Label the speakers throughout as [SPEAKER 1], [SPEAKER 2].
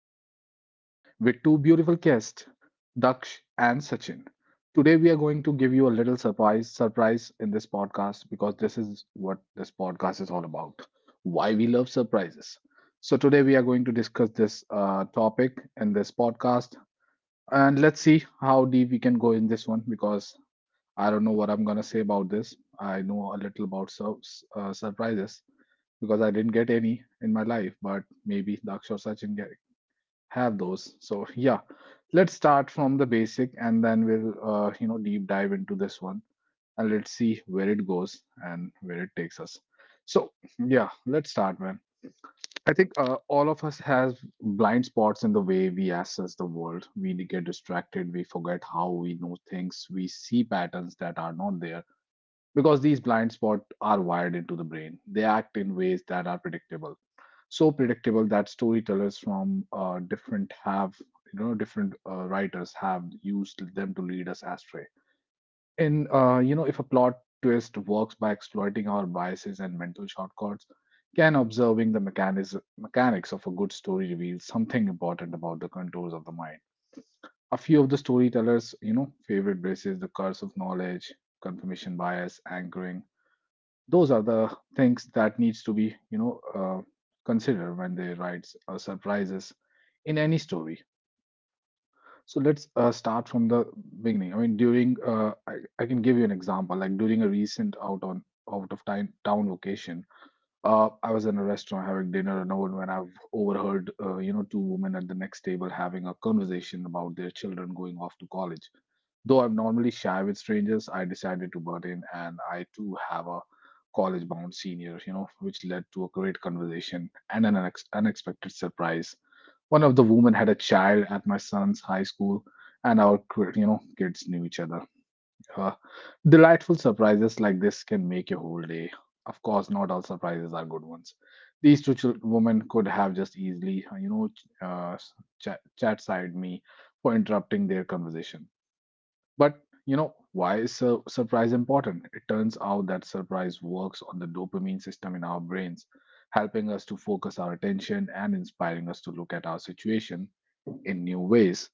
[SPEAKER 1] your host, Naveen, with two beautiful guests, Daksh and Sachin. Today, we are going to give you a little surprise, surprise in this podcast because this is what this podcast is all about why we love surprises. So, today, we are going to discuss this topic in this podcast. And let's see how deep we can go in this one because I don't know what I'm going to say about this. I know a little about surprises because I didn't get any in my life, but maybe Daksh or Sachin get, have those. So yeah, let's start from the basic and then we'll you know deep dive into this one and let's see where it goes and where it takes us. So yeah, let's start, man. I think all of us have blind spots in the way we assess the world. We get distracted. We forget how we know things. We see patterns that are not there because these blind spots are wired into the brain. They act in ways that are predictable, so predictable that storytellers from different have you know different writers have used them to lead us astray. In you know if a plot twist works by exploiting our biases and mental shortcuts, can observing the mechanism mechanics of a good story reveal something important about the contours of the mind? A few of the storytellers, you know, favorite braces, the curse of knowledge, confirmation bias, anchoring, those are the things that needs to be considered when they write surprises in any story. So let's start from the beginning. I mean, I can give you an example like during a recent out of time town vacation. I was in a restaurant having dinner alone when I've overheard you know two women at the next table having a conversation about their children going off to college. Though I'm normally shy with strangers, I decided to butt in, and I too have a college bound senior, you know, which led to a great conversation and an unexpected surprise. One of the women had a child at my son's high school, and you know, kids knew each other. Uh, Delightful surprises like this can make your whole day. Of course, not all surprises are good ones. These two women could have just easily, you know, chat side me for interrupting their conversation, but you know, why is surprise important? It turns out that surprise works on the dopamine system in our brains, helping us to focus our attention and inspiring us to look at our situation in new ways.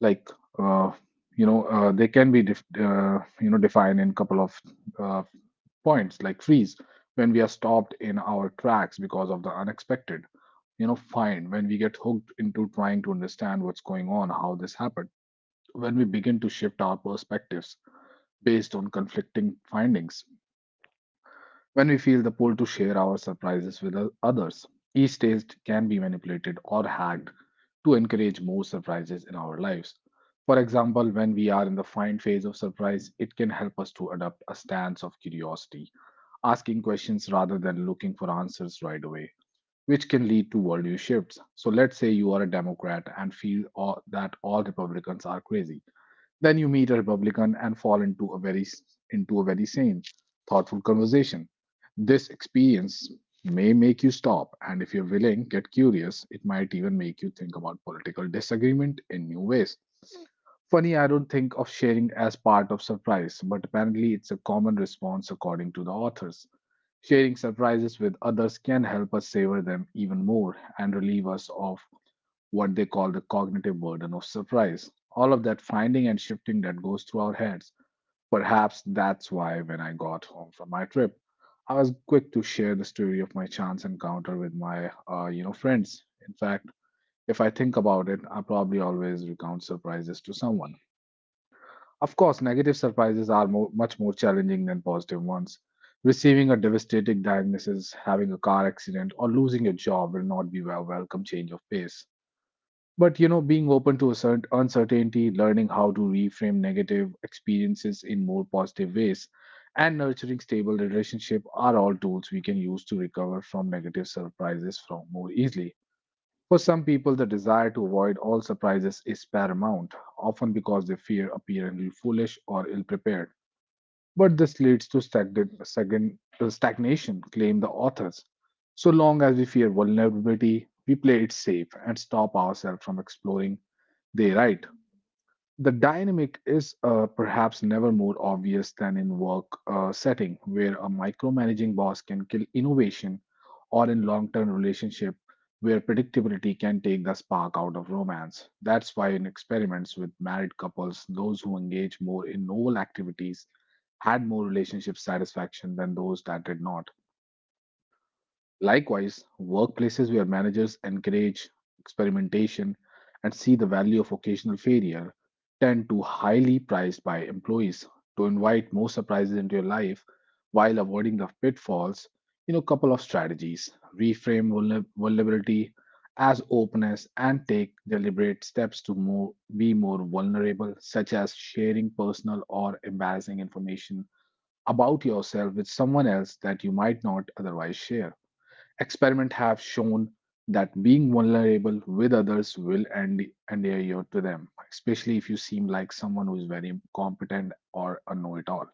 [SPEAKER 1] Like, uh, they can be, you know, defined in couple of uh, points, like freeze when we are stopped in our tracks because of the unexpected. You know, find when we get hooked into trying to understand what's going on, how this happened. When we begin to shift our perspectives based on conflicting findings. When we feel the pull to share our surprises with others, each taste can be manipulated or hacked to encourage more surprises in our lives. For example, when we are in the find phase of surprise, it can help us to adopt a stance of curiosity, asking questions rather than looking for answers right away, which can lead to worldview shifts. So, let's say you are a Democrat and feel that all Republicans are crazy, then you meet a Republican and fall into a very sane, thoughtful conversation. This experience may make you stop, and if you're willing, get curious. It might even make you think about political disagreement in new ways. Funny, I don't think of sharing as part of surprise, but apparently it's a common response according to the authors. Sharing surprises with others can help us savor them even more and relieve us of what they call the cognitive burden of surprise. All of that finding and shifting that goes through our heads. Perhaps that's why when I got home from my trip, I was quick to share the story of my chance encounter with my, you know, friends. In fact, if I think about it, I probably always recount surprises to someone. Of course, negative surprises are much more challenging than positive ones. Receiving a devastating diagnosis, having a car accident, or losing your job will not be a welcome change of pace. But you know, being open to certain uncertainty, learning how to reframe negative experiences in more positive ways, and nurturing stable relationship are all tools we can use to recover from negative surprises from more easily. For some people, the desire to avoid all surprises is paramount, often because they fear appearing foolish or ill-prepared. But this leads to stagnation, claim the authors. So long as we fear vulnerability, we play it safe and stop ourselves from exploring, they write. The dynamic is perhaps never more obvious than in work setting, where a micromanaging boss can kill innovation, or in long-term relationship, where predictability can take the spark out of romance. That's why in experiments with married couples, those who engage more in novel activities had more relationship satisfaction than those that did not. Likewise, workplaces where managers encourage experimentation and see the value of occasional failure tend to highly prized by employees to invite more surprises into your life while avoiding the pitfalls. You know, couple of strategies: reframe vulnerability as openness and take deliberate steps to be more vulnerable, such as sharing personal or embarrassing information about yourself with someone else that you might not otherwise share. Experiments have shown that being vulnerable with others will endear you to them, especially if you seem like someone who is very competent or a know-it-all.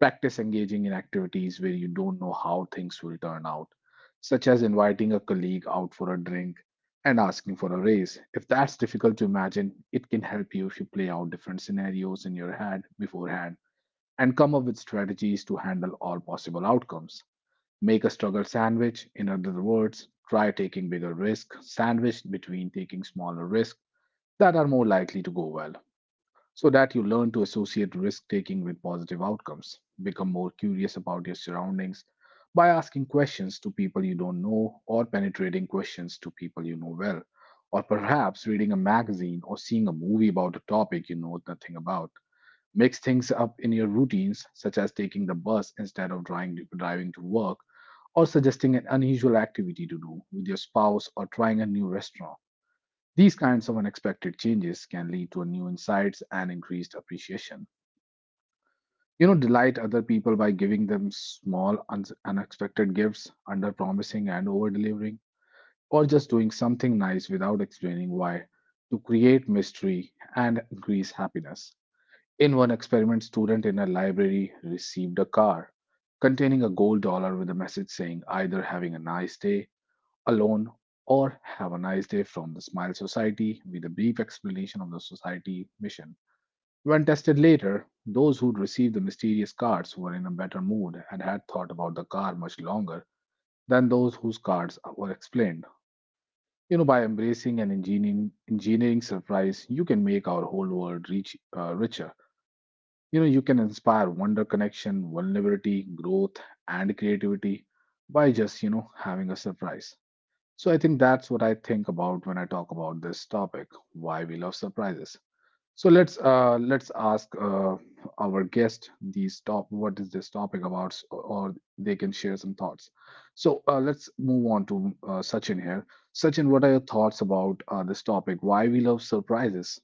[SPEAKER 1] Practice engaging in activities where you don't know how things will turn out, such as inviting a colleague out for a drink and asking for a raise. If that's difficult to imagine, it can help you if you play out different scenarios in your head beforehand and come up with strategies to handle all possible outcomes. Make a struggle sandwich. In other words, try taking bigger risk sandwiched between taking smaller risks that are more likely to go well so that you learn to associate risk taking with positive outcomes. Become more curious about your surroundings by asking questions to people you don't know or penetrating questions to people you know well, or perhaps reading a magazine or seeing a movie about a topic you know nothing about. Mix things up in your routines, such as taking the bus instead of driving to work or suggesting an unusual activity to do with your spouse or trying a new restaurant. These kinds of unexpected changes can lead to new insights and increased appreciation. You know, delight other people by giving them small, unexpected gifts, under promising and over delivering, or just doing something nice without explaining why to create mystery and increase happiness. In one experiment, student in a library received a car containing a gold dollar with a message saying either having a nice day alone, or have a nice day from the Smile Society with a brief explanation of the society mission. When tested later, those who received the mysterious cards were in a better mood and had thought about the car much longer than those whose cards were explained. You know, by embracing an engineering surprise, you can make our whole world richer. You know, you can inspire wonder, connection, vulnerability, growth, and creativity by just, you know, having a surprise. So I think that's what I think about when I talk about this topic, why we love surprises. So let's ask our guest these top what is this topic about, or they can share some thoughts. So let's move on to Sachin here. Sachin, what are your thoughts about this topic? Why we love surprises?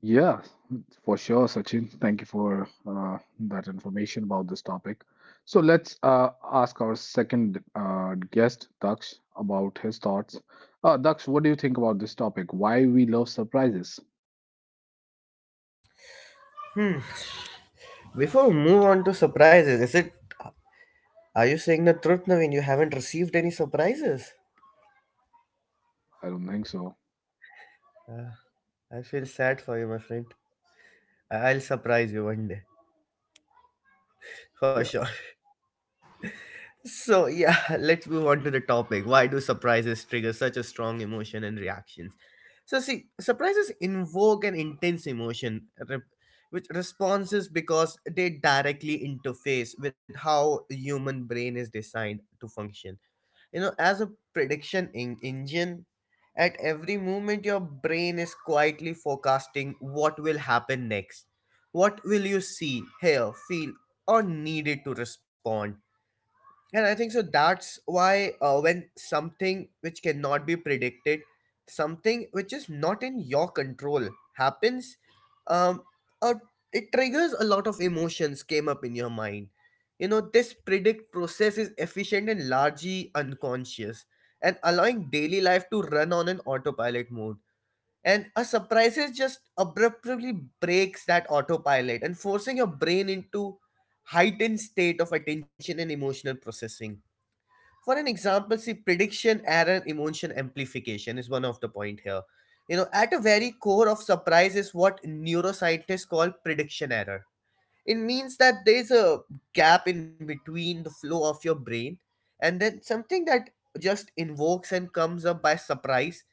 [SPEAKER 1] Yeah, for sure, Sachin. Thank you for that information about this topic. So let's ask our second guest, Daksh, about his thoughts. Daksh, what do you think about this topic? Why we love surprises?
[SPEAKER 2] Hmm. Before we move on to surprises, is it? Are you saying the truth, Naveen? You haven't received any surprises?
[SPEAKER 1] I don't think so.
[SPEAKER 2] I feel sad for you, my friend. I'll surprise you one day, for
[SPEAKER 1] Yeah.
[SPEAKER 2] sure. So yeah, let's move on to the topic. Why do surprises trigger such a strong emotion and reactions? So see, surprises invoke an intense emotion, which responses because they directly interface with how the human brain is designed to function, you know, as a prediction engine. At every moment your brain is quietly forecasting what will happen next, what will you see, hear, feel, or needed to respond. And I think so that's why, when something which cannot be predicted, something which is not in your control, happens, um, uh, it triggers a lot of emotions came up in your mind. You know, this predict process is efficient and largely unconscious, and allowing daily life to run on an autopilot mode. And a surprises just abruptly breaks that autopilot and forcing your brain into heightened state of attention and emotional processing. For an example, see, prediction error emotion amplification is one of the point here. You know, at a very core of surprise is what neuroscientists call prediction error. It means that there's a gap in between the flow of your brain and then something that just invokes and comes up by surprise,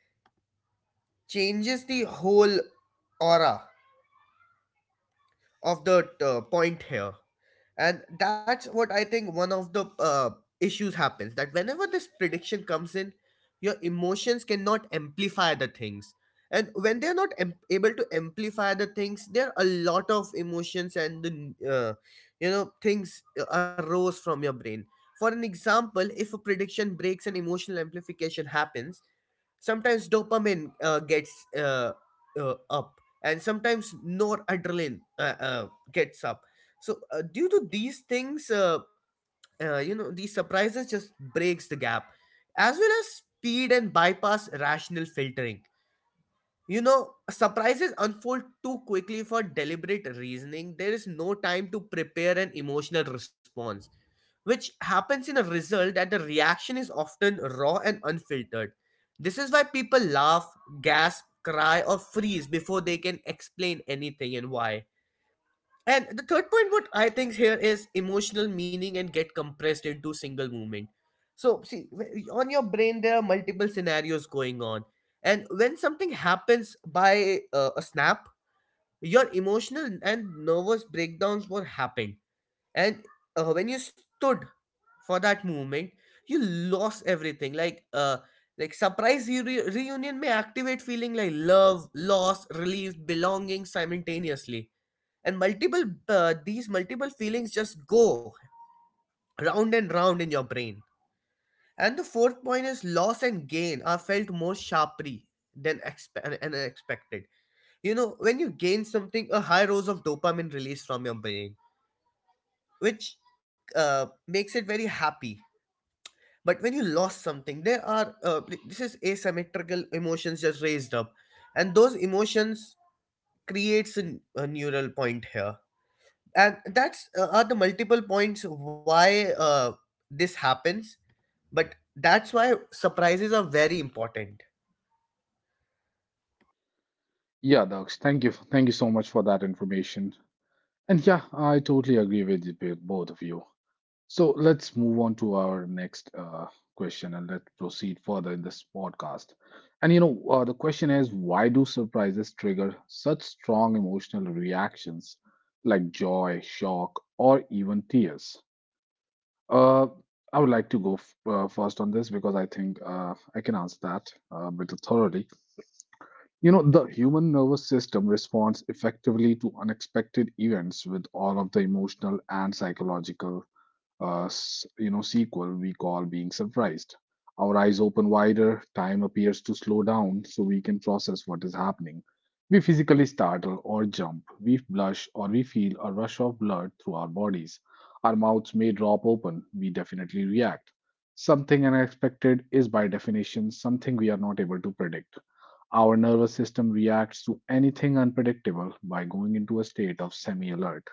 [SPEAKER 2] changes the whole aura of the point here. And that's what I think, one of the issues happens, that whenever this prediction comes in, your emotions cannot amplify the things. And when they're not able to amplify the things, there are a lot of emotions and the uh, you know, things arose from your brain. For an example, if a prediction breaks and emotional amplification happens, sometimes dopamine gets up, and sometimes noradrenaline gets up. So due to these things, you know, these surprises just breaks the gap, as well as speed and bypass rational filtering. You know, surprises unfold too quickly for deliberate reasoning. There is no time to prepare an emotional response, which happens in a result that the reaction is often raw and unfiltered. This is why people laugh, gasp, cry, or freeze before they can explain anything and why. And the third point, what I think here is emotional meaning and get compressed into single movement. So, see, on your brain, there are multiple scenarios going on. And when something happens by a snap, your emotional and nervous breakdowns were happening. And when you stood for that movement, you lost everything. Like surprise reunion may activate feeling like love, loss, relief, belonging simultaneously, and multiple, these multiple feelings just go round and round in your brain. And the fourth point is, loss and gain are felt more sharply than and expected. You know, when you gain something, a high dose of dopamine release from your brain, which makes it very happy. But when you lost something, there are, this is asymmetrical emotions just raised up, and those emotions creates a neural point here. And that's are the multiple points why, this happens. But that's why surprises are very important.
[SPEAKER 1] Yeah, Daksh, thank you. Thank you so much for that information. And yeah, I totally agree with you, both of you. So let's move on to our next question and let's proceed further in this podcast. And you know, the question is why do surprises trigger such strong emotional reactions like joy, shock, or even tears? Uh, I would like to go first on this because I think I can answer that a bit thoroughly. The human nervous system responds effectively to unexpected events with all of the emotional and psychological sequel we call being surprised. Our eyes open wider, time appears to slow down so we can process what is happening. We physically startle or jump, we blush or we feel a rush of blood through our bodies, our mouths may drop open, we definitely react. Something unexpected is by definition something we are not able to predict. Our nervous system reacts to anything unpredictable by going into a state of semi alert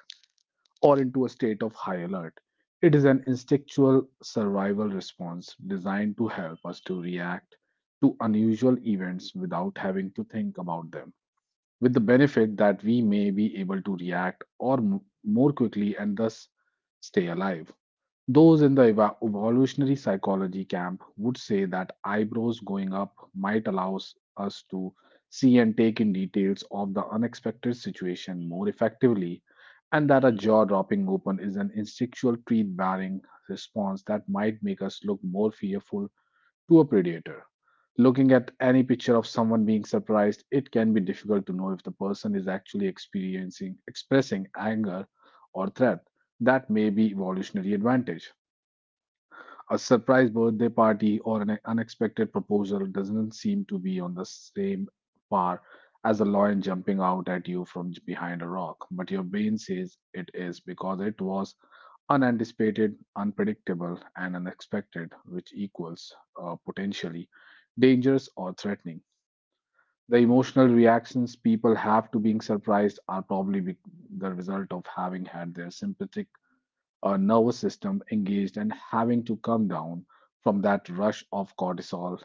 [SPEAKER 1] or into a state of high alert. It is an instinctual survival response designed to help us to react to unusual events without having to think about them, with the benefit that we may be able to react or more quickly and thus stay alive. Those in the evolutionary psychology camp would say that eyebrows going up might allow us to see and take in details of the unexpected situation more effectively, and that a jaw dropping open is an instinctual teeth bearing response that might make us look more fearful to a predator. Looking at any picture of someone being surprised, it can be difficult to know if the person is actually experiencing expressing anger or threat. That may be evolutionary advantage. A surprise birthday party or an unexpected proposal doesn't seem to be on the same par as a lion jumping out at you from behind a rock, but your brain says it is because it was unanticipated, unpredictable, and unexpected, which equals potentially dangerous or threatening. The emotional reactions people have to being surprised are probably the result of having had their sympathetic our nervous system engaged and having to come down from that rush of cortisol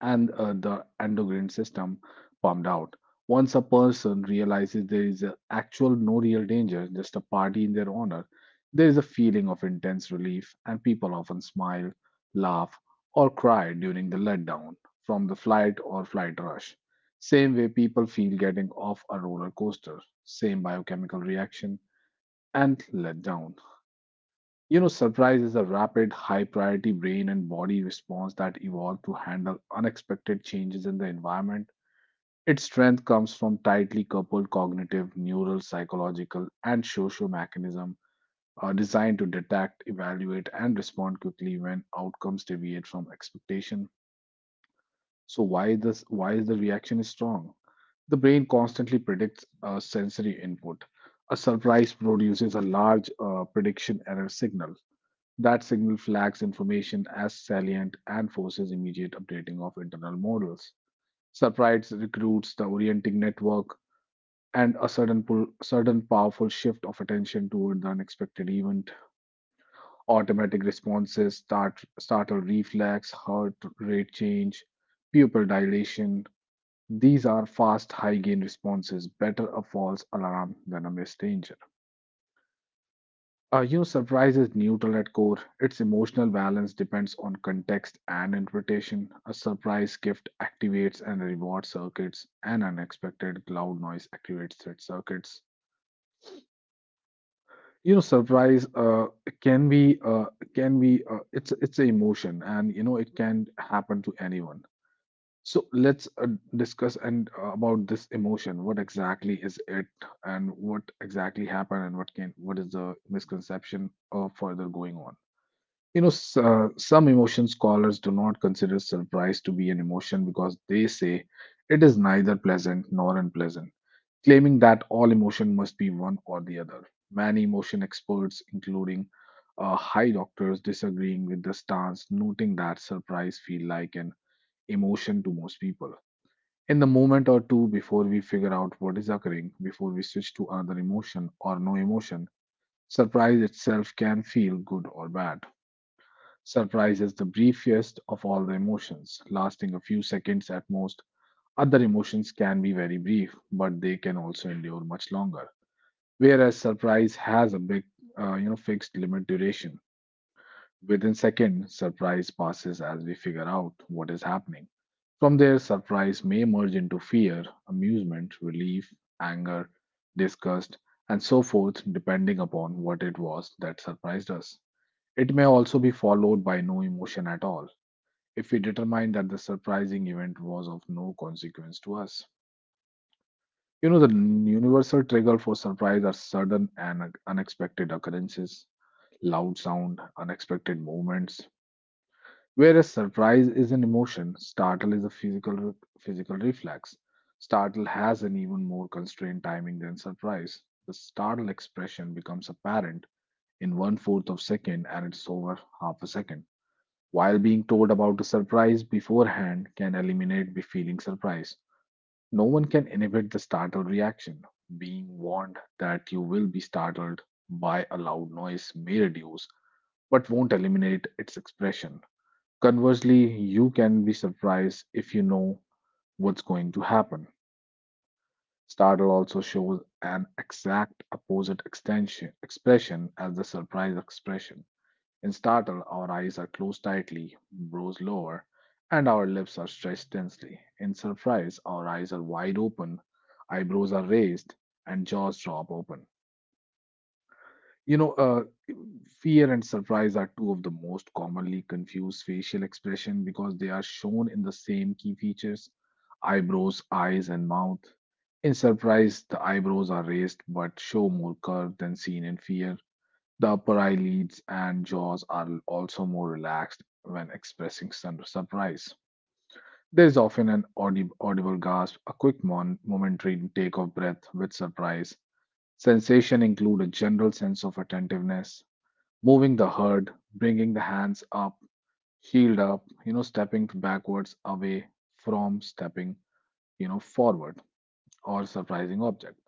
[SPEAKER 1] and the endocrine system pumped out. Once a person realizes there is a actual no real danger, just a party in their honor, there is a feeling of intense relief, and people often smile, laugh, or cry during the letdown from the flight or flight rush. Same way people feel getting off a roller coaster, same biochemical reaction and letdown. Surprise is a rapid, high priority brain and body response that evolved to handle unexpected changes in the environment. Its strength comes from tightly coupled cognitive, neural, psychological, and social mechanisms designed to detect, evaluate, and respond quickly when outcomes deviate from expectation. So, why this? Why is the reaction is strong? The brain constantly predicts a sensory input. A surprise produces a large prediction error signal. That signal flags information as salient and forces immediate updating of internal models. Surprise recruits the orienting network and a sudden pull, sudden powerful shift of attention toward the unexpected event. Automatic responses, startle reflex, heart rate change, pupil dilation. These are fast, high gain responses, better a false alarm than a missed danger. Surprise is neutral at core. Its emotional balance depends on context and interpretation. A surprise gift activates and reward circuits, and unexpected loud noise activates threat circuits. You know, surprise can be uh, can be it's an emotion, and it can happen to anyone. So let's discuss and about this emotion. What exactly is it, and what exactly happened, and what is the misconception further going on? Some emotion scholars do not consider surprise to be an emotion because they say it is neither pleasant nor unpleasant, claiming that all emotion must be one or the other. Many emotion experts, including high doctors, disagreeing with the stance, noting that surprise feel like an emotion to most people. In the moment or two before we figure out what is occurring, before we switch to another emotion or no emotion, surprise itself can feel good or bad. Surprise is the briefest of all the emotions, lasting a few seconds at most. Other emotions can be very brief, but they can also endure much longer. Whereas surprise has a big, fixed limit duration. Within second, surprise passes as we figure out what is happening. From there, surprise may merge into fear, amusement, relief, anger, disgust, and so forth, depending upon what it was that surprised us. It may also be followed by no emotion at all if we determine that the surprising event was of no consequence to us. You know, the universal trigger for surprise are sudden and unexpected occurrences, loud sound, unexpected movements. Whereas surprise is an emotion, startle is a physical reflex. Startle has an even more constrained timing than surprise. The startle expression becomes apparent in one fourth of a second and it's over half a second. While being told about the surprise beforehand can eliminate be feeling surprise, no one can inhibit the startled reaction. Being warned that you will be startled by a loud noise may reduce, but won't eliminate its expression. Conversely, you can be surprised if you know what's going to happen. Startle also shows an exact opposite extension expression as the surprise expression. In startle, our eyes are closed tightly, brows lower, and our lips are stretched tensely. In surprise, our eyes are wide open, eyebrows are raised, and jaws drop open. You know, uh, fear and surprise are two of the most commonly confused facial expression because they are shown in the same key features: eyebrows, eyes, and mouth. In surprise, the eyebrows are raised but show more curve than seen in fear. The upper eyelids and jaws are also more relaxed when expressing surprise. There is often an audible gasp, a quick momentary take of breath with surprise. Sensation include a general sense of attentiveness, moving the herd, bringing the hands up, shield up, stepping backwards away from stepping forward or surprising object.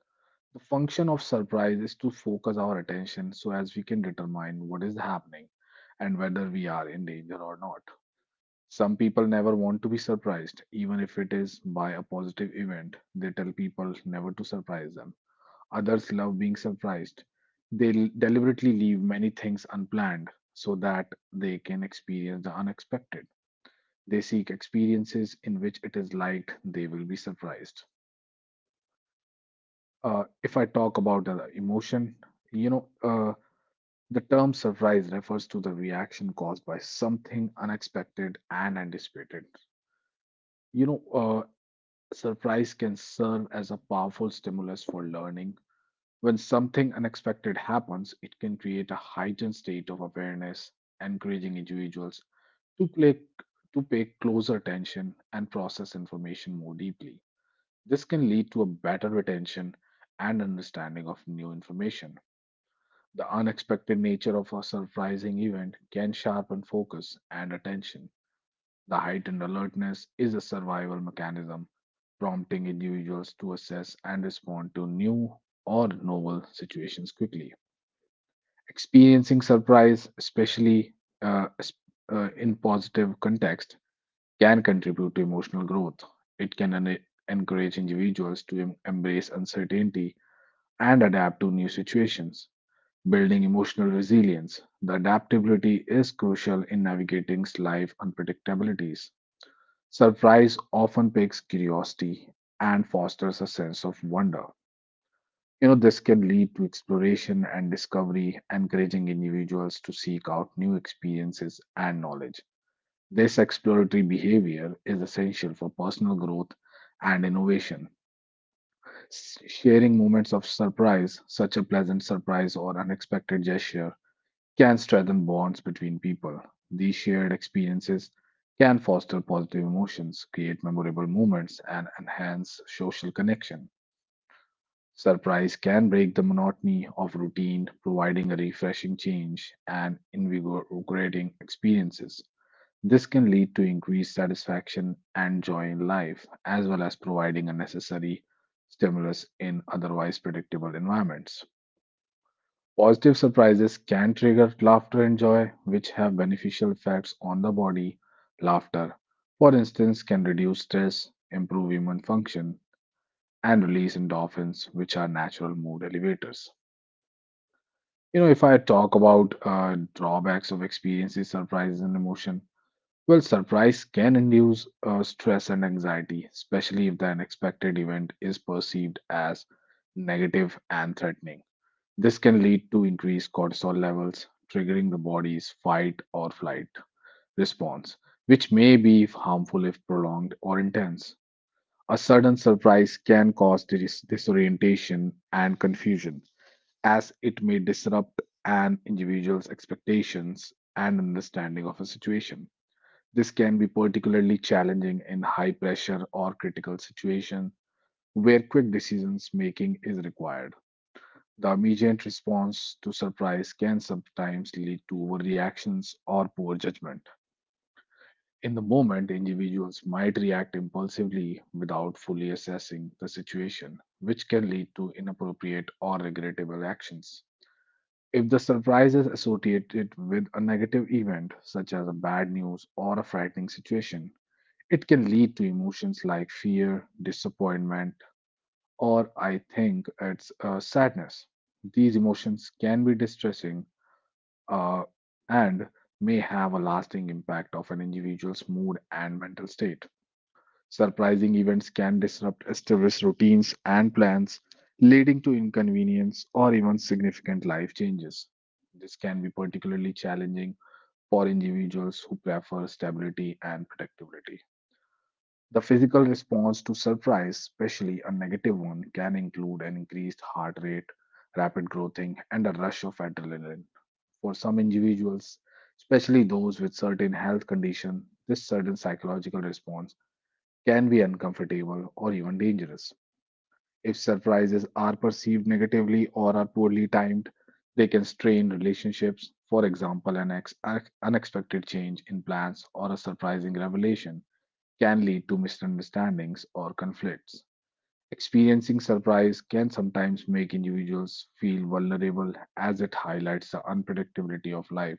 [SPEAKER 1] The function of surprise is to focus our attention so as we can determine what is happening and whether we are in danger or not. Some people never want to be surprised, even if it is by a positive event. They tell people never to surprise them. Others love being surprised. They deliberately leave many things unplanned so that they can experience the unexpected. They seek experiences in which it is like they will be surprised. If I talk about the emotion, you know, uh, the term surprise refers to the reaction caused by something unexpected and anticipated. You know, uh, surprise can serve as a powerful stimulus for learning. When something unexpected happens, it can create a heightened state of awareness, encouraging individuals to play, to pay closer attention and process information more deeply. This can lead to a better retention and understanding of new information. The unexpected nature of a surprising event can sharpen focus and attention. The heightened alertness is a survival mechanism, prompting individuals to assess and respond to new or novel situations quickly. Experiencing surprise, especially uh, es- in positive context, can contribute to emotional growth. It can encourage individuals to embrace uncertainty and adapt to new situations. Building emotional resilience, the adaptability is crucial in navigating life's unpredictabilities. Surprise often piques curiosity and fosters a sense of wonder. This can lead to exploration and discovery, encouraging individuals to seek out new experiences and knowledge. This exploratory behavior is essential for personal growth and innovation. Sharing moments of surprise, such a pleasant surprise or unexpected gesture, can strengthen bonds between people. These shared experiences can foster positive emotions, create memorable moments, and enhance social connection. Surprise can break the monotony of routine, providing a refreshing change and invigorating experiences. This can lead to increased satisfaction and joy in life, as well as providing a necessary stimulus in otherwise predictable environments. Positive surprises can trigger laughter and joy, which have beneficial effects on the body. Laughter, for instance, can reduce stress, improve immune function, and release endorphins, which are natural mood elevators. If I talk about drawbacks of experiencing surprises, and emotion, well, surprise can induce stress and anxiety, especially if the unexpected event is perceived as negative and threatening. This can lead to increased cortisol levels, triggering the body's fight or flight response, which may be harmful if prolonged or intense. A sudden surprise can cause disorientation and confusion, as it may disrupt an individual's expectations and understanding of a situation. This can be particularly challenging in high pressure or critical situations where quick decisions making is required. The immediate response to surprise can sometimes lead to overreactions or poor judgment. In the moment, individuals might react impulsively without fully assessing the situation, which can lead to inappropriate or regrettable actions. If the surprise is associated with a negative event, such as a bad news or a frightening situation, it can lead to emotions like fear, disappointment, or I think it's sadness. These emotions can be distressing, uh, and may have a lasting impact of an individual's mood and mental state. Surprising events can disrupt established routines and plans, leading to inconvenience or even significant life changes. This can be particularly challenging for individuals who prefer stability and predictability. The physical response to surprise, especially a negative one, can include an increased heart rate, rapid growthing, and a rush of adrenaline for some individuals. Especially those with certain health condition, this sudden psychological response can be uncomfortable or even dangerous. If surprises are perceived negatively or are poorly timed, they can strain relationships. For example, an unexpected change in plans or a surprising revelation can lead to misunderstandings or conflicts. Experiencing surprise can sometimes make individuals feel vulnerable as it highlights the unpredictability of life.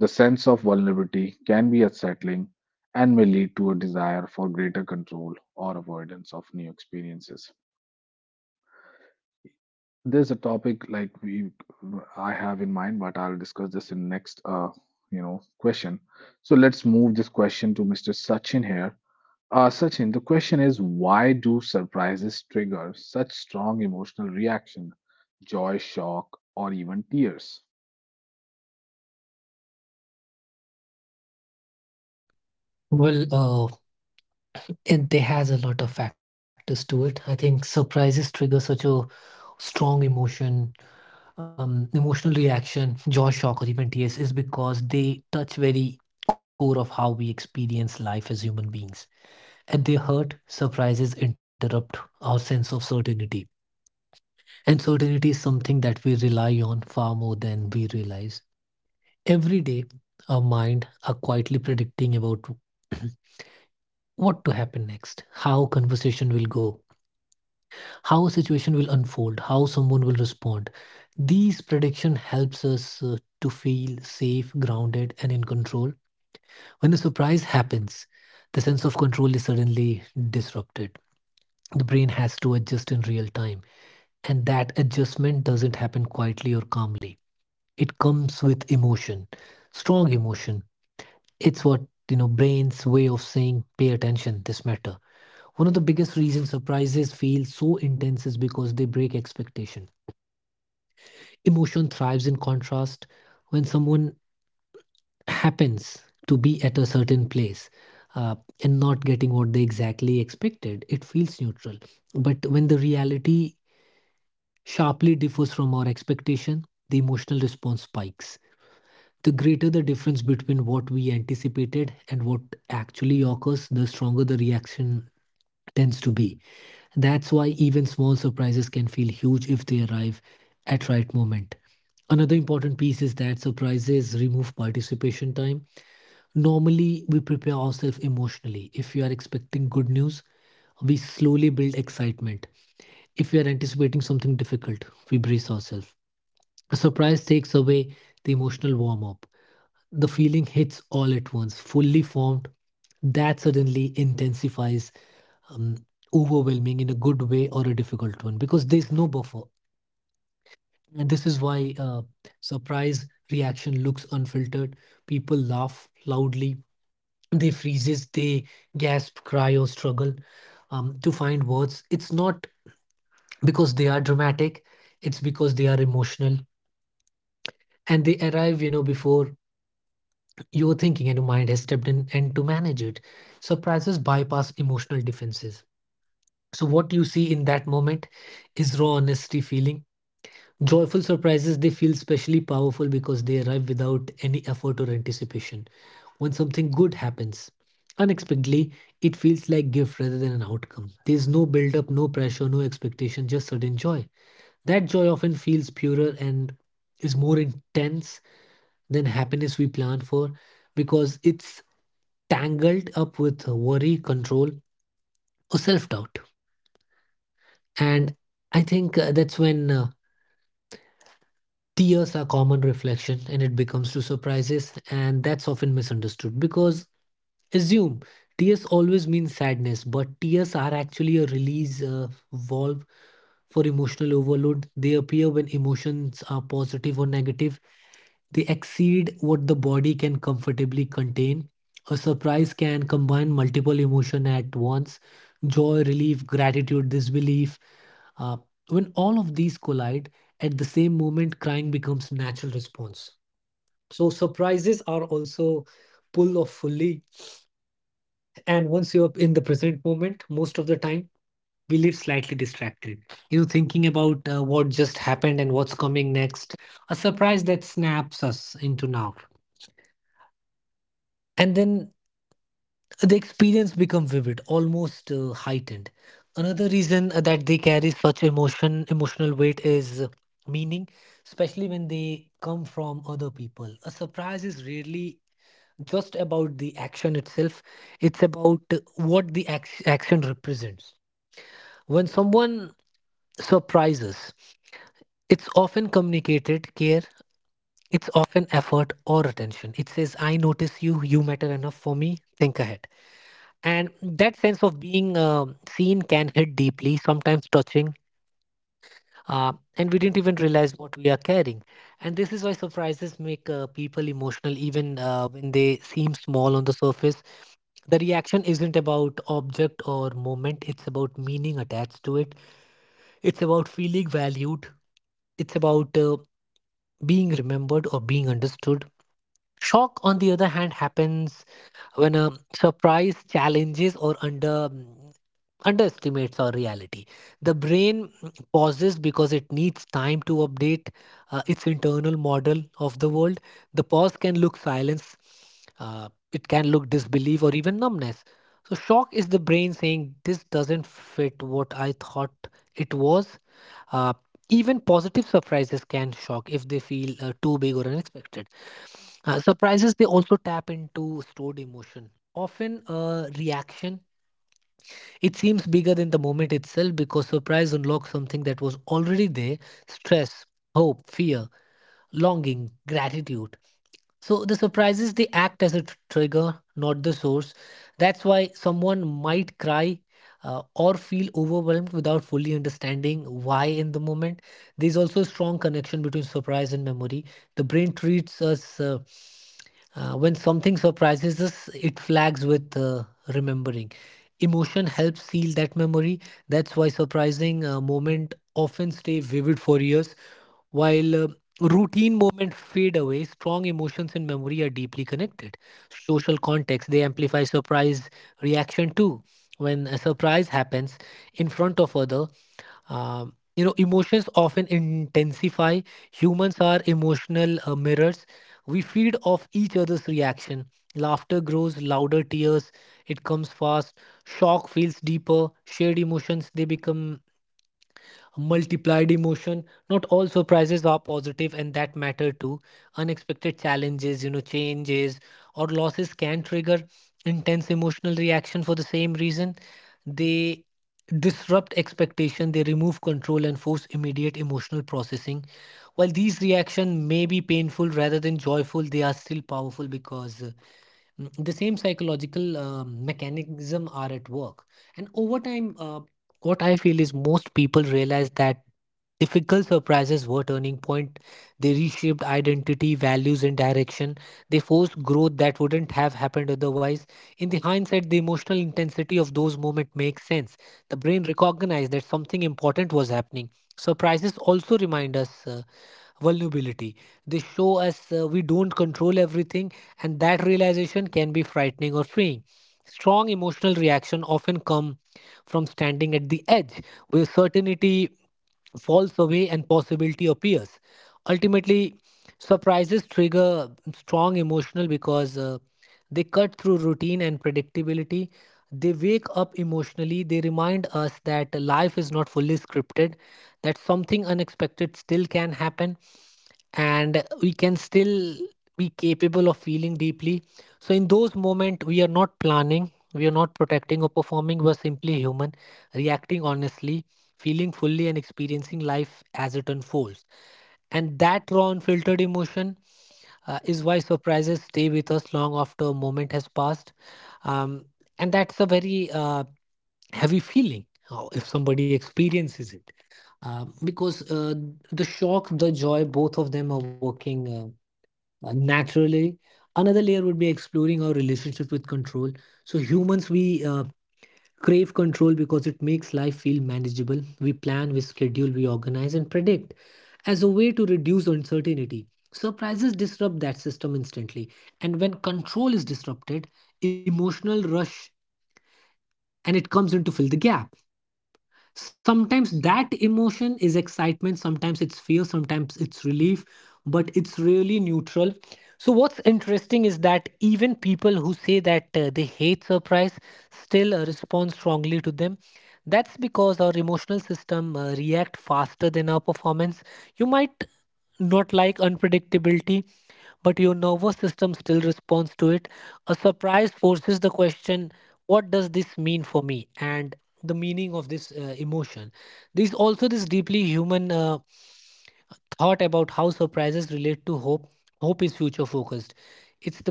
[SPEAKER 1] The sense of vulnerability can be unsettling and may lead to a desire for greater control or avoidance of new experiences. There's a topic like we I have in mind, but I'll discuss this in next question. So let's move this question to Mr. Sachin here. Sachin, the question is why do surprises trigger such strong emotional reaction, joy, shock, or even tears?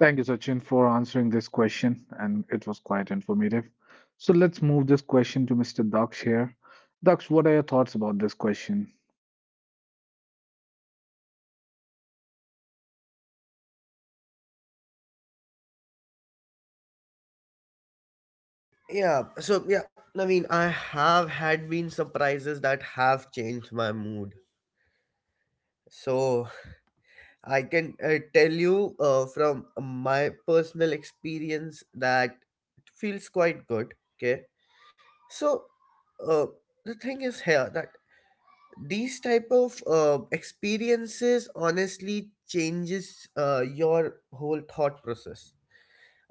[SPEAKER 1] Thank you, Sachin, for answering this question, and it was quite informative. So let's move this question to Mr. Daksh here. Daksh, what are your thoughts about this question?
[SPEAKER 2] Yeah, so yeah, I mean, I have had been surprises that have changed my mood. So I can tell you from my personal experience that it feels quite good, okay. So, uh, the thing is here that these type of experiences honestly changes your whole thought process.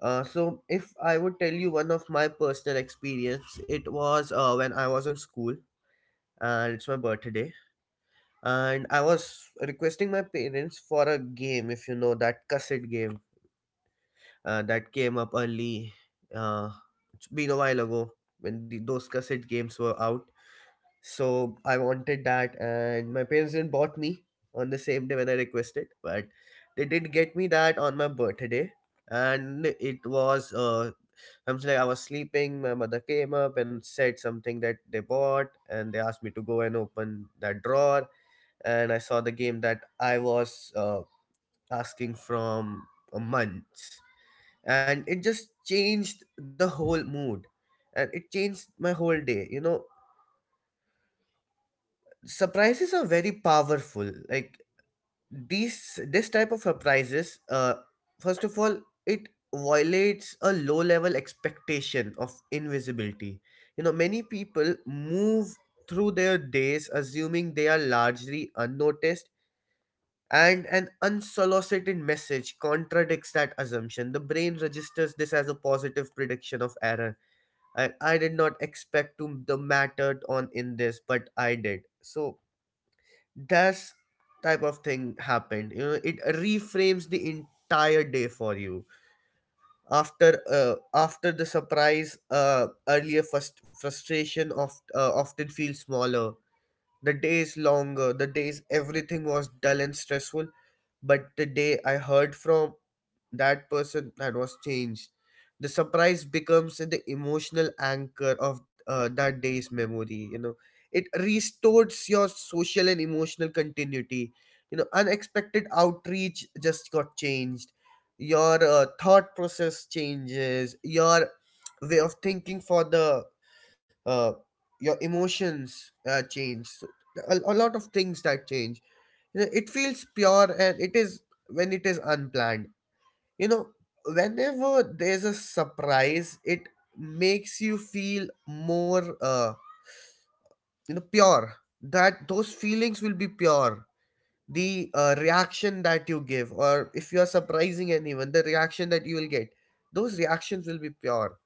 [SPEAKER 2] So if I would tell you one of my personal experience, it was when I was in school, and it's my birthday, and I was requesting my parents for a game, if you know that cassette game, that came up early. uh, it's been a while ago when those cassette games were out. So I wanted that, and my parents didn't bought me on the same day when I requested, but they did get me that on my birthday. And it was, uh, I'm like, I was sleeping. My mother came up and said something that they bought, and they asked me to go and open that drawer. And I saw the game that I was asking from months, and it just changed the whole mood, and it changed my whole day. You know, surprises are very powerful. Like these this type of surprises, first of all, it violates a low level expectation of invisibility. You know, many people move through their days assuming they are largely unnoticed, and an unsolicited message contradicts that assumption. The brain registers this as a positive prediction of error. I did not expect to the matter on in this, but I did. So that's type of thing happened. You know, it reframes the entire day for you. After the surprise, earlier first frustration of, often feels smaller. The days longer, the days everything was dull and stressful. But the day I heard from that person, that was changed. The surprise becomes the emotional anchor of that day's memory. You know, it restores your social and emotional continuity. You know, unexpected outreach just got changed. Your thought process changes. Your way of thinking for the uh, your emotions change. So a lot of things that change. You know, it feels pure, and it is when it is unplanned. You know, whenever there's a surprise, it makes you feel more, you know, pure, that those feelings will be pure. The reaction that you give, or if you are surprising anyone, the reaction that you will get, those reactions will be pure.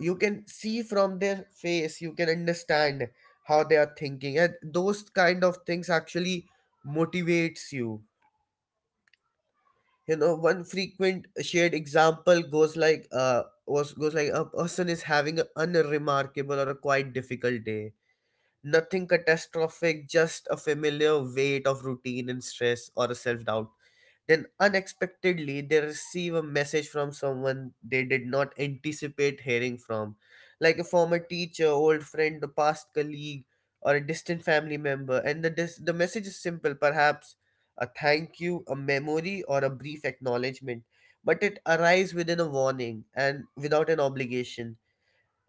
[SPEAKER 2] You can see from their face, you can understand how they are thinking, and those kind of things actually motivates you. You know, one frequent shared example goes like, a person is having an unremarkable or a quite difficult day, nothing catastrophic, just a familiar weight of routine and stress or a self-doubt. Then unexpectedly, they receive a message from someone they did not anticipate hearing from, like a former teacher, old friend, a past colleague, or a distant family member. And the message is simple, perhaps a thank you, a memory, or a brief acknowledgement. But it arrives within a warning and without an obligation.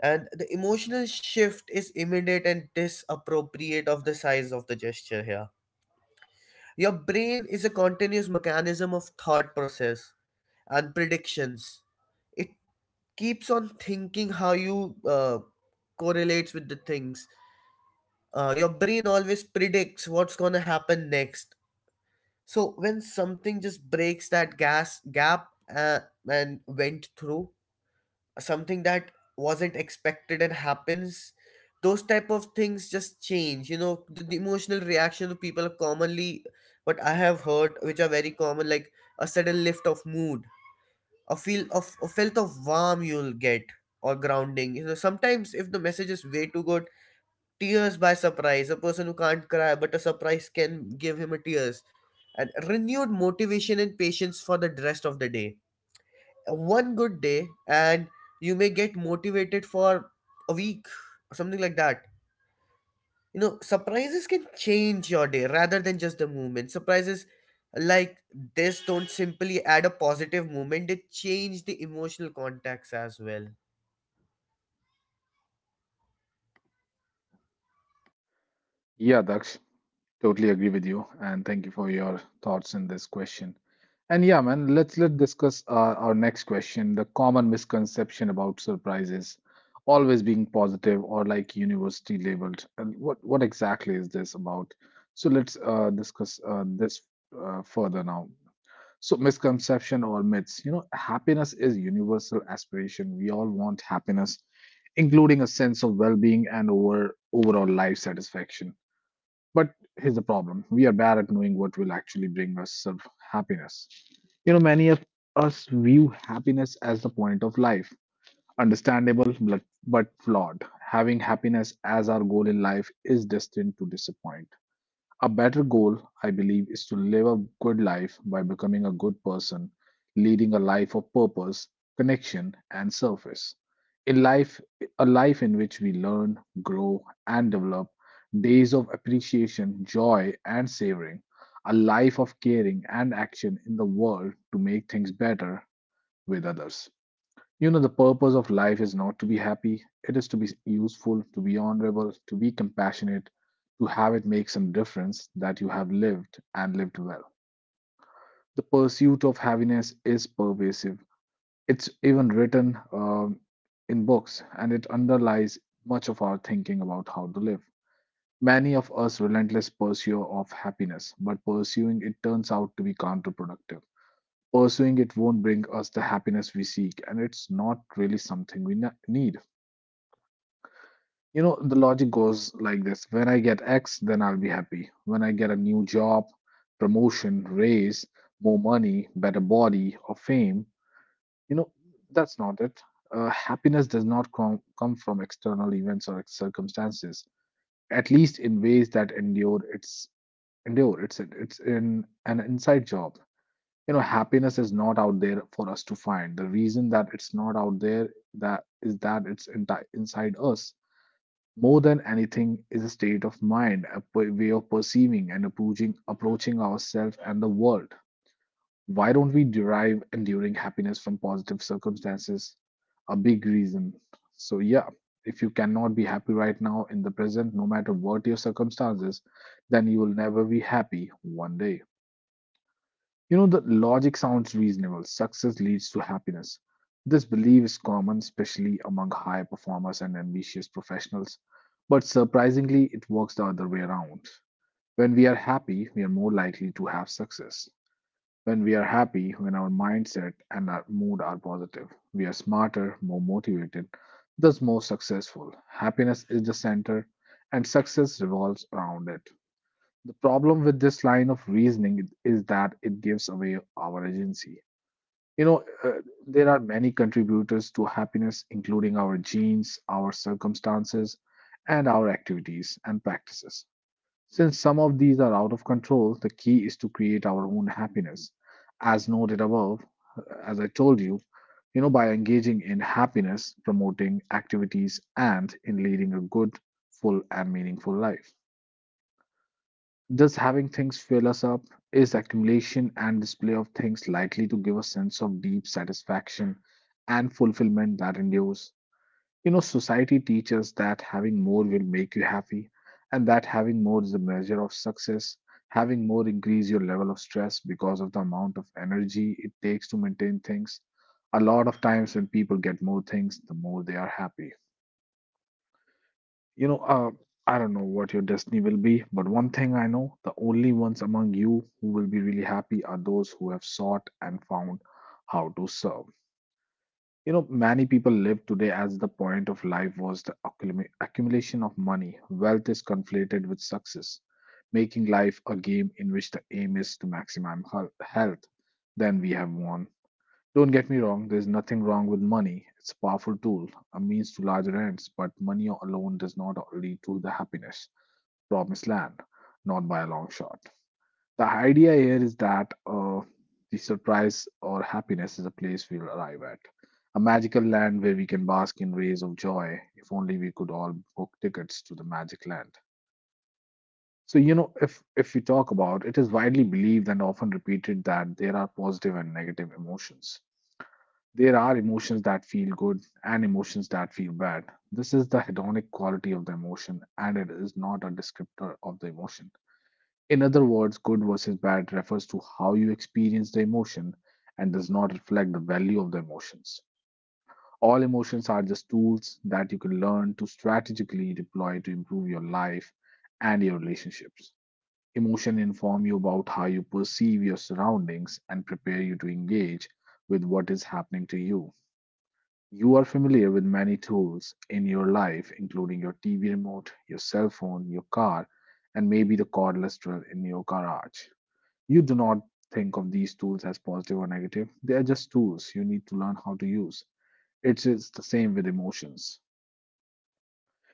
[SPEAKER 2] And the emotional shift is immediate and disappropriate of the size of the gesture here. Your brain is a continuous mechanism of thought process and predictions. It keeps on thinking how you correlates with the things. Your brain always predicts what's gonna happen next. So when something just breaks that gas gap, uh, and went through something that wasn't expected and happens, those type of things just change. You know, the emotional reaction of people are commonly what I have heard, which are very common, like a sudden lift of mood, a feel of a felt of warm you'll get, or grounding. You know, sometimes if the message is way too good, tears by surprise. A person who can't cry, but a surprise can give him a tears, and renewed motivation and patience for the rest of the day. One good day, and you may get motivated for a week, something like that. You know, surprises can change your day rather than just the moment. Surprises like this don't simply add a positive moment, they change the emotional context as well.
[SPEAKER 1] Yeah, Daksh, totally agree with you, and thank you for your thoughts in this question. And yeah, man, let's discuss our next question: the common misconception about surprises always being positive or like university labeled. And what exactly is this about? So let's discuss this further now. So misconception or myths, you know, happiness is universal aspiration. We all want happiness, including a sense of well-being and overall life satisfaction. But here's the problem: we are bad at knowing what will actually bring us some happiness. You know, many of us view happiness as the point of life, understandable but flawed. Having happiness as our goal in life is destined to disappoint. A better goal, I believe, is to live a good life by becoming a good person, leading a life of purpose, connection, and service. In life, a life in which we learn, grow, and develop days of appreciation, joy, and savoring. A life of caring and action in the world to make things better with others. You know, the purpose of life is not to be happy, it is to be useful, to be honorable, to be compassionate, to have it make some difference that you have lived and lived well. The pursuit of happiness is pervasive. It's even written in books, and it underlies much of our thinking about how to live. Many of us relentless pursuer of happiness, but pursuing it turns out to be counterproductive. Pursuing it won't bring us the happiness we seek, and it's not really something we need. You know, the logic goes like this. When I get X, then I'll be happy. When I get a new job, promotion, raise, more money, better body, or fame, you know, that's not it. Happiness does not come from external events or circumstances, at least in ways that endure. It's endure. It's in an inside job. You know, happiness is not out there for us to find. The reason that it's not out there that is that it's inside us. More than anything, is a state of mind, a way of perceiving and approaching ourselves and the world. Why don't we derive enduring happiness from positive circumstances? A big reason, so yeah, if you cannot be happy right now in the present, no matter what your circumstances, then you will never be happy one day. You know, the logic sounds reasonable. Success leads to happiness. This belief is common, especially among high performers and ambitious professionals. But surprisingly, it works the other way around. When we are happy, we are more likely to have success. When we are happy, when our mindset and our mood are positive, we are smarter, more motivated, thus more successful. Happiness is the center, and success revolves around it. The problem with this line of reasoning is that it gives away our agency. You know, there are many contributors to happiness, including our genes, our circumstances, and our activities and practices. Since some of these are out of control, the key is to create our own happiness. As noted above, as I told you, you know, by engaging in happiness promoting activities and in leading a good, full, and meaningful life. Thus, having things fill us up is accumulation and display of things likely to give a sense of deep satisfaction and fulfillment that endures. You know, society teaches that having more will make you happy, and that having more is the measure of success. Having more increase your level of stress because of the amount of energy it takes to maintain things. A lot of times when people get more things, the more they are happy. You know, I don't know what your destiny will be, but one thing I know, the only ones among you who will be really happy are those who have sought and found how to serve. You know, many people live today as the point of life was the accumulation of money. Wealth is conflated with success, making life a game in which the aim is to maximize health. Then we have won. Don't get me wrong, there's nothing wrong with money. It's a powerful tool, a means to larger ends, but money alone does not lead to the happiness. Promised land, not by a long shot. The idea here is that the surprise or happiness is a place we'll arrive at. A magical land where we can bask in rays of joy. If only we could all book tickets to the magic land. So you know, if we talk about, it is widely believed and often repeated that there are positive and negative emotions. There are emotions that feel good and emotions that feel bad. This is the hedonic quality of the emotion, and it is not a descriptor of the emotion. In other words, good versus bad refers to how you experience the emotion and does not reflect the value of the emotions. All emotions are just tools that you can learn to strategically deploy to improve your life and your relationships. Emotion inform you about how you perceive your surroundings and prepare you to engage with what is happening to you. You are familiar with many tools in your life, including your TV remote, your cell phone, your car, and maybe the cordless drill in your garage. You do not think of these tools as positive or negative, they are just tools you need to learn how to use. It is the same with emotions.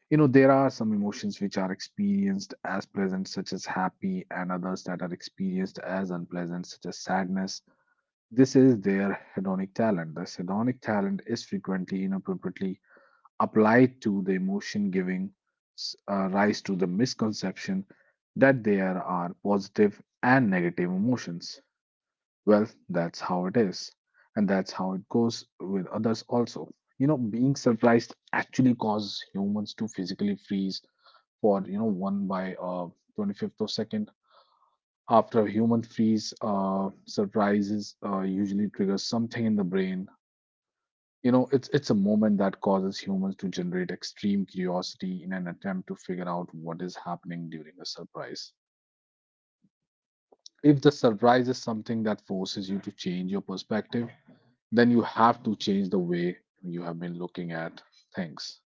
[SPEAKER 1] You know, there are some emotions which are experienced as pleasant, such as happy, and others that are experienced as unpleasant, such as sadness. This is their hedonic talent. This hedonic talent is frequently inappropriately applied to the emotion, giving rise to the misconception that there are positive and negative emotions. Well, that's how it is, and that's how it goes with others also. You know, being surprised actually causes humans to physically freeze for one by 25th of second. After a human freeze, surprises usually triggers something in the brain. It's a moment that causes humans to generate extreme curiosity in an attempt to figure out what is happening during a surprise. If the surprise is something that forces you to change your perspective, then you have to change the way you have been looking at things.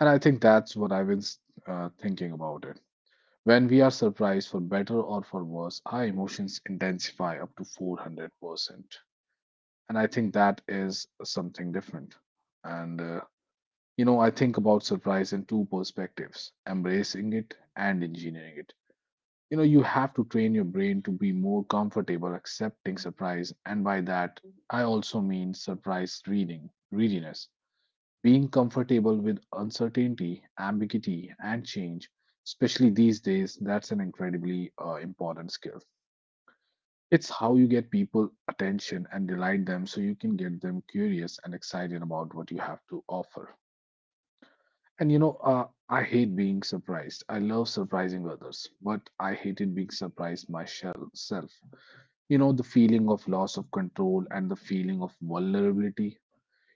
[SPEAKER 1] And I think that's what I've been thinking about it. When we are surprised for better or for worse, our emotions intensify up to 400%. And I think that is something different. And you know, I think about surprise in two perspectives: embracing it and engineering it. You know, you have to train your brain to be more comfortable accepting surprise, and by that, I also mean surprise reading, readiness. Being comfortable with uncertainty, ambiguity, and change, especially these days, that's an incredibly important skill. It's how you get people attention and delight them so you can get them curious and excited about what you have to offer. And you know, I hate being surprised. I love surprising others, but I hated being surprised myself. You know, the feeling of loss of control and the feeling of vulnerability.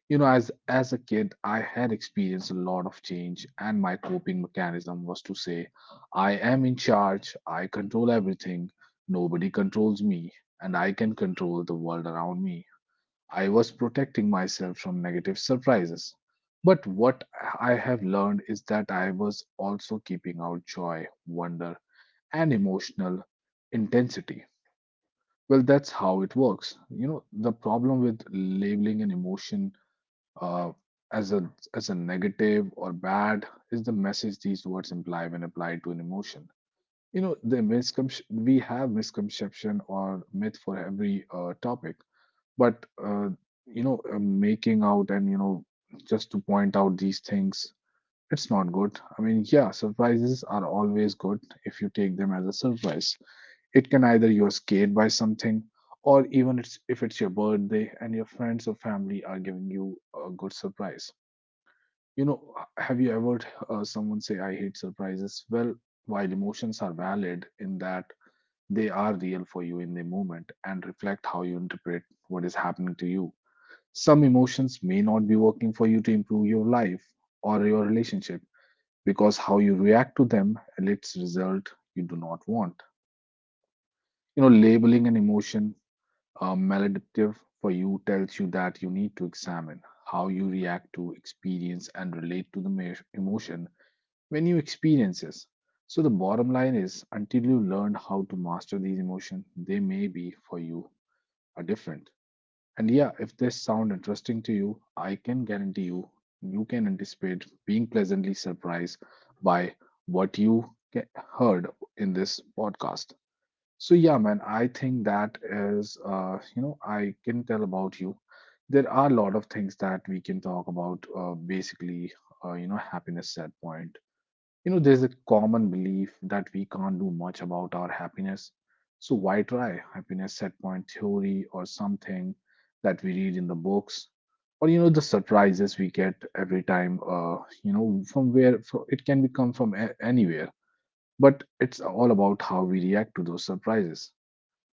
[SPEAKER 1] You know, as a kid, I had experienced a lot of change, and my coping mechanism was to say, "I am in charge. I control everything. Nobody controls me, and I can control the world around me." I was protecting myself from negative surprises. But what I have learned is that I was also keeping out joy, wonder, and emotional intensity. Well, that's how it works. You know, the problem with labeling an emotion uh, as a negative or bad is the message these words imply when applied to an emotion. You know, the misconception we have misconception or myth for every topic but you know, making out and you know, just to point out these things, it's not good. I mean, yeah, surprises are always good if you take them as a surprise. It can either you're scared by something, or even it's if it's your birthday and your friends or family are giving you a good surprise. You know, have you ever someone say, "I hate surprises"? Well, while emotions are valid in that they are real for you in the moment and reflect how you interpret what is happening to you. Some emotions may not be working for you to improve your life or your relationship because how you react to them elicits result you do not want. You know, labeling an emotion maladaptive for you tells you that you need to examine how you react to experience and relate to the emotion when you experience this. So the bottom line is until you learn how to master these emotions, they may be for you are different. And yeah, if this sound interesting to you, I can guarantee you, you can anticipate being pleasantly surprised by what you heard in this podcast. So yeah, man, I think that is, you know, I can tell about you. There are a lot of things that we can talk about. Basically, you know, happiness set point, you know, there's a common belief that we can't do much about our happiness. So why try happiness set point theory or something that we read in the books? Or you know, the surprises we get every time, you know, from where it can be come from anywhere. But it's all about how we react to those surprises,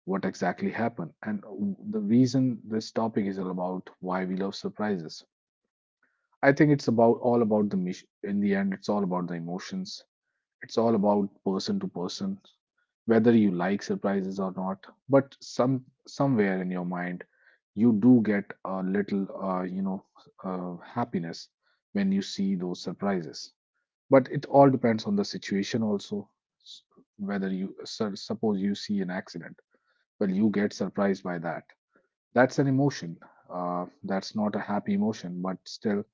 [SPEAKER 1] what exactly happened. And the reason this topic is all about why we love surprises. I think it's about all about the mission. In the end, it's all about the emotions, it's all about person to person, whether you like surprises or not. But somewhere in your mind, you do get a little, you know, happiness when you see those surprises. But it all depends on the situation also. S- Whether you suppose you see an accident, well, you get surprised by that. That's an emotion. That's not a happy emotion, but still,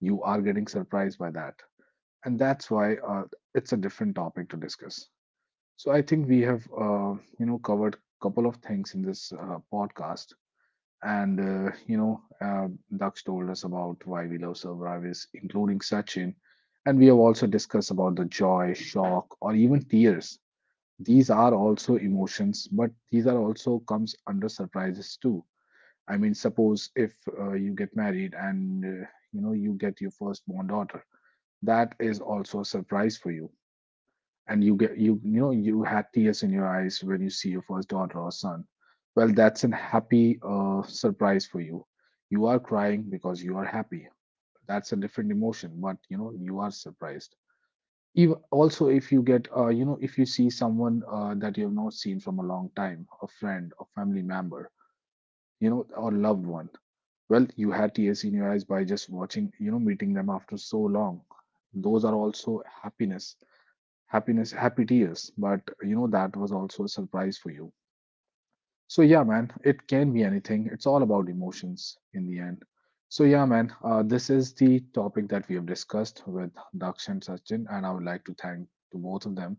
[SPEAKER 1] you are getting surprised by that, and that's why it's a different topic to discuss. So I think we have, you know, covered couple of things in this podcast, and you know, Daksh told us about why we love survivors, including Sachin, and we have also discussed about the joy, shock, or even tears. These are also emotions, but these are also comes under surprises too. I mean, suppose if you get married and you know you get your firstborn daughter, that is also a surprise for you and you know you had tears in your eyes when you see your first daughter or son, well, that's a happy surprise for you, you are crying because you are happy, that's a different emotion but you know you are surprised, even also if you get you know if you see someone that you have not seen from a long time, a friend, a family member, you know, or loved one, well you had tears in your eyes by just watching you know meeting them after so long, those are also happiness, happiness, happy tears. But you know, that was also a surprise for you. So yeah, man, it can be anything. It's all about emotions in the end. So yeah, man, this is the topic that we have discussed with Daksh and Sachin, and I would like to thank to both of them.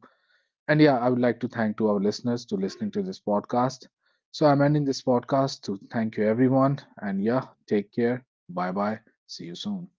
[SPEAKER 1] And yeah, I would like to thank to our listeners to listening to this podcast. So I'm ending this podcast to thank you everyone, and yeah, take care. Bye bye. See you soon.